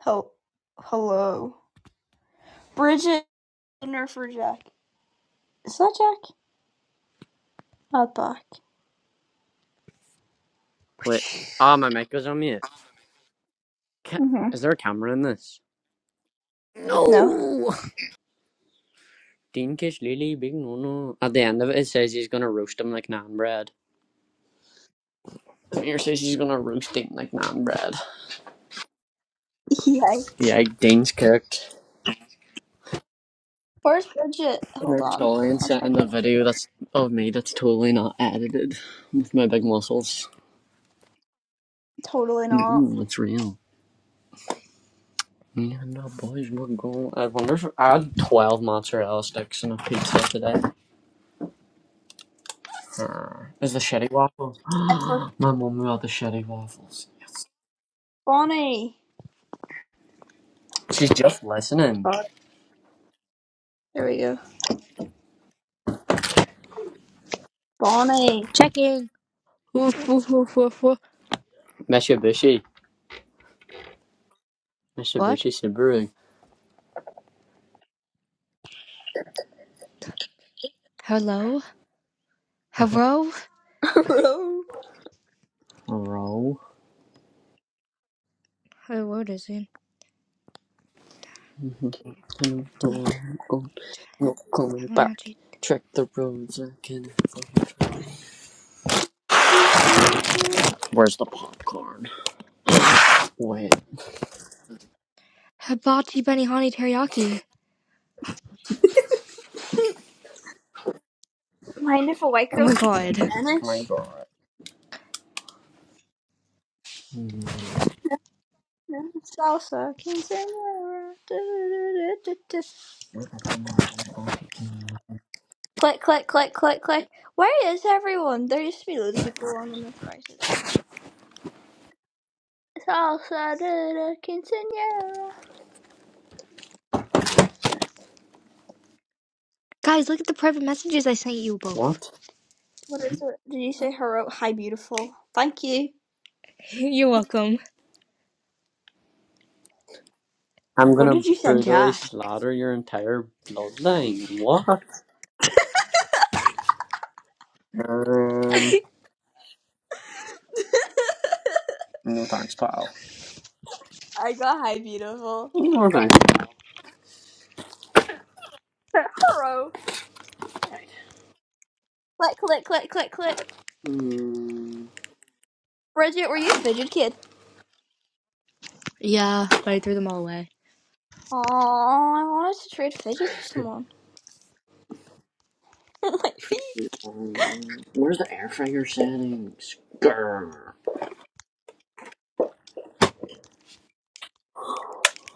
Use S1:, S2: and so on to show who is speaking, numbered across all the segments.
S1: Hel- hello. Bridget dinner for Jack. Is that Jack? Not back.
S2: Wait. Ah, oh, my mic was on mute. Ca
S1: Mm-hmm.
S2: is there a camera in this?
S1: No.
S2: No! Dean Kish Lily, big no no. At the end of it, it says he's gonna roast him like naan bread. And here says he's gonna roast Dean like naan bread.
S1: Yikes.
S2: Yeah, Dean's cooked.
S1: Where's Bridget?
S2: And
S1: Hold
S2: they're
S1: on.
S2: totally
S1: I'll try
S2: in the
S1: again.
S2: video that's of me that's totally not edited with my big muscles.
S1: Totally not.
S2: Ooh, it's real. Me and the boys were going. I wonder if I had 12 mozzarella sticks and a pizza today. Grr. There's the shetty waffles.
S1: That's for
S2: My mom got the shetty waffles.
S1: Bonnie.
S2: She's just listening.
S1: God. There we go. Bonnie.
S3: Checking. Woof, woof, woof, woof, woof.
S2: Mitsubishi.
S3: What?
S2: Mitsubishi Subaru.
S3: Hello? Hello?
S1: Hello.
S2: Roll.
S3: Hello, what is it? Tea.
S2: Not coming back.
S3: Hibachi
S2: Check the roads I can. Where's the popcorn? Wait,
S3: Hibachi Benihani Teriyaki.
S1: Mind if a white
S3: Oh
S1: girl
S3: my
S1: speaks
S3: god.
S2: My
S1: Spanish?
S2: god. Mm.
S1: No. Salsa quinceañera. Du-du-du-du-du-du. Click, click, click, click, click. Where is everyone? There used to be loads of people on whenever I did it. Salsa de la quinceañera.
S3: Guys, look at the private messages I sent you both.
S2: what?
S1: What is it? Did you say hello? Hi, beautiful. Thank you.
S3: You're welcome.
S2: I'm
S1: What
S2: gonna
S1: did you send,
S2: brutally
S1: Jack?
S2: slaughter your entire bloodline. What? Um, no thanks, pal.
S1: I got hi, beautiful.
S2: No thanks.
S1: hello. Click, click, click, click, click.
S2: Hmm.
S1: Bridget, were you a fidget kid?
S3: Yeah, but I threw them all away.
S1: Oh, I wanted to trade fidgets with someone. like, fidget-
S2: Um, Where's the air fryer settings? Grr.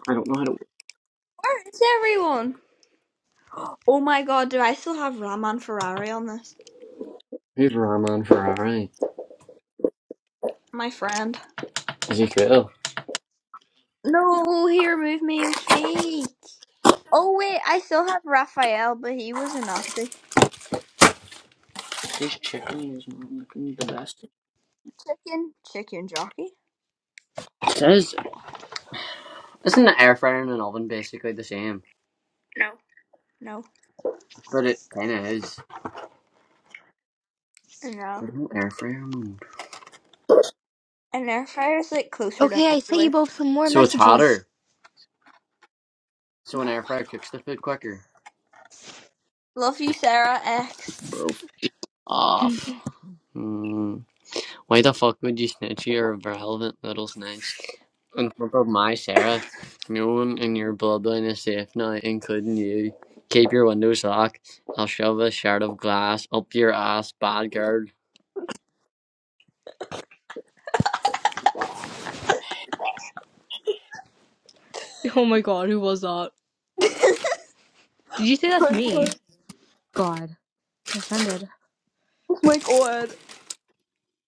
S2: I don't know how to.
S1: where's everyone? Oh my god, do I still have Raman Ferrari on this?
S2: Here's Rahman Ferrari.
S1: My friend.
S2: Ezekiel.
S1: No, he removed me, you fake. Oh wait, I still have Raphael, but he was a Nazi.
S2: This chicken is not looking the best.
S1: chicken chicken jockey
S2: It says, isn't the air fryer and an oven basically the same?
S1: no
S2: But it kinda is.
S1: no
S2: There's no air fryer mode.
S1: an air fryer is like closer to
S3: Okay, I sent you
S1: microwave
S3: both some more
S2: So it's
S3: messages.
S2: hotter. So an
S1: oh
S2: air
S1: my
S2: fryer cooks the food quicker.
S1: god love you sarah x
S2: Bro, off. Hmm. Why the fuck would you snitch your relevant little snitch? on top of my Sarah, no one in your bloodline is safe now, including you. Keep your windows locked. I'll shove a shard of glass up your ass, bad girl.
S3: Oh my god, who was that? Did you say that's
S1: oh
S3: me? God. I'm offended.
S1: my god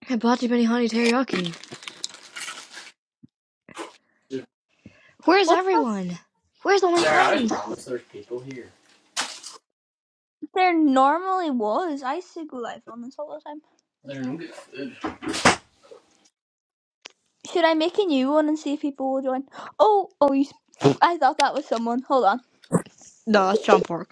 S3: Hibachi Benihani Teriyaki. Where's
S1: What's that?
S3: everyone? Where's all my
S2: Sarah, I
S3: friends?
S2: promise there's people here.
S1: there normally was i used to go live on this all the time
S2: They're no good. food.
S1: should i make a new one and see if people will join oh oh you s- i thought that was someone hold on Wait.
S3: No, that's John Park.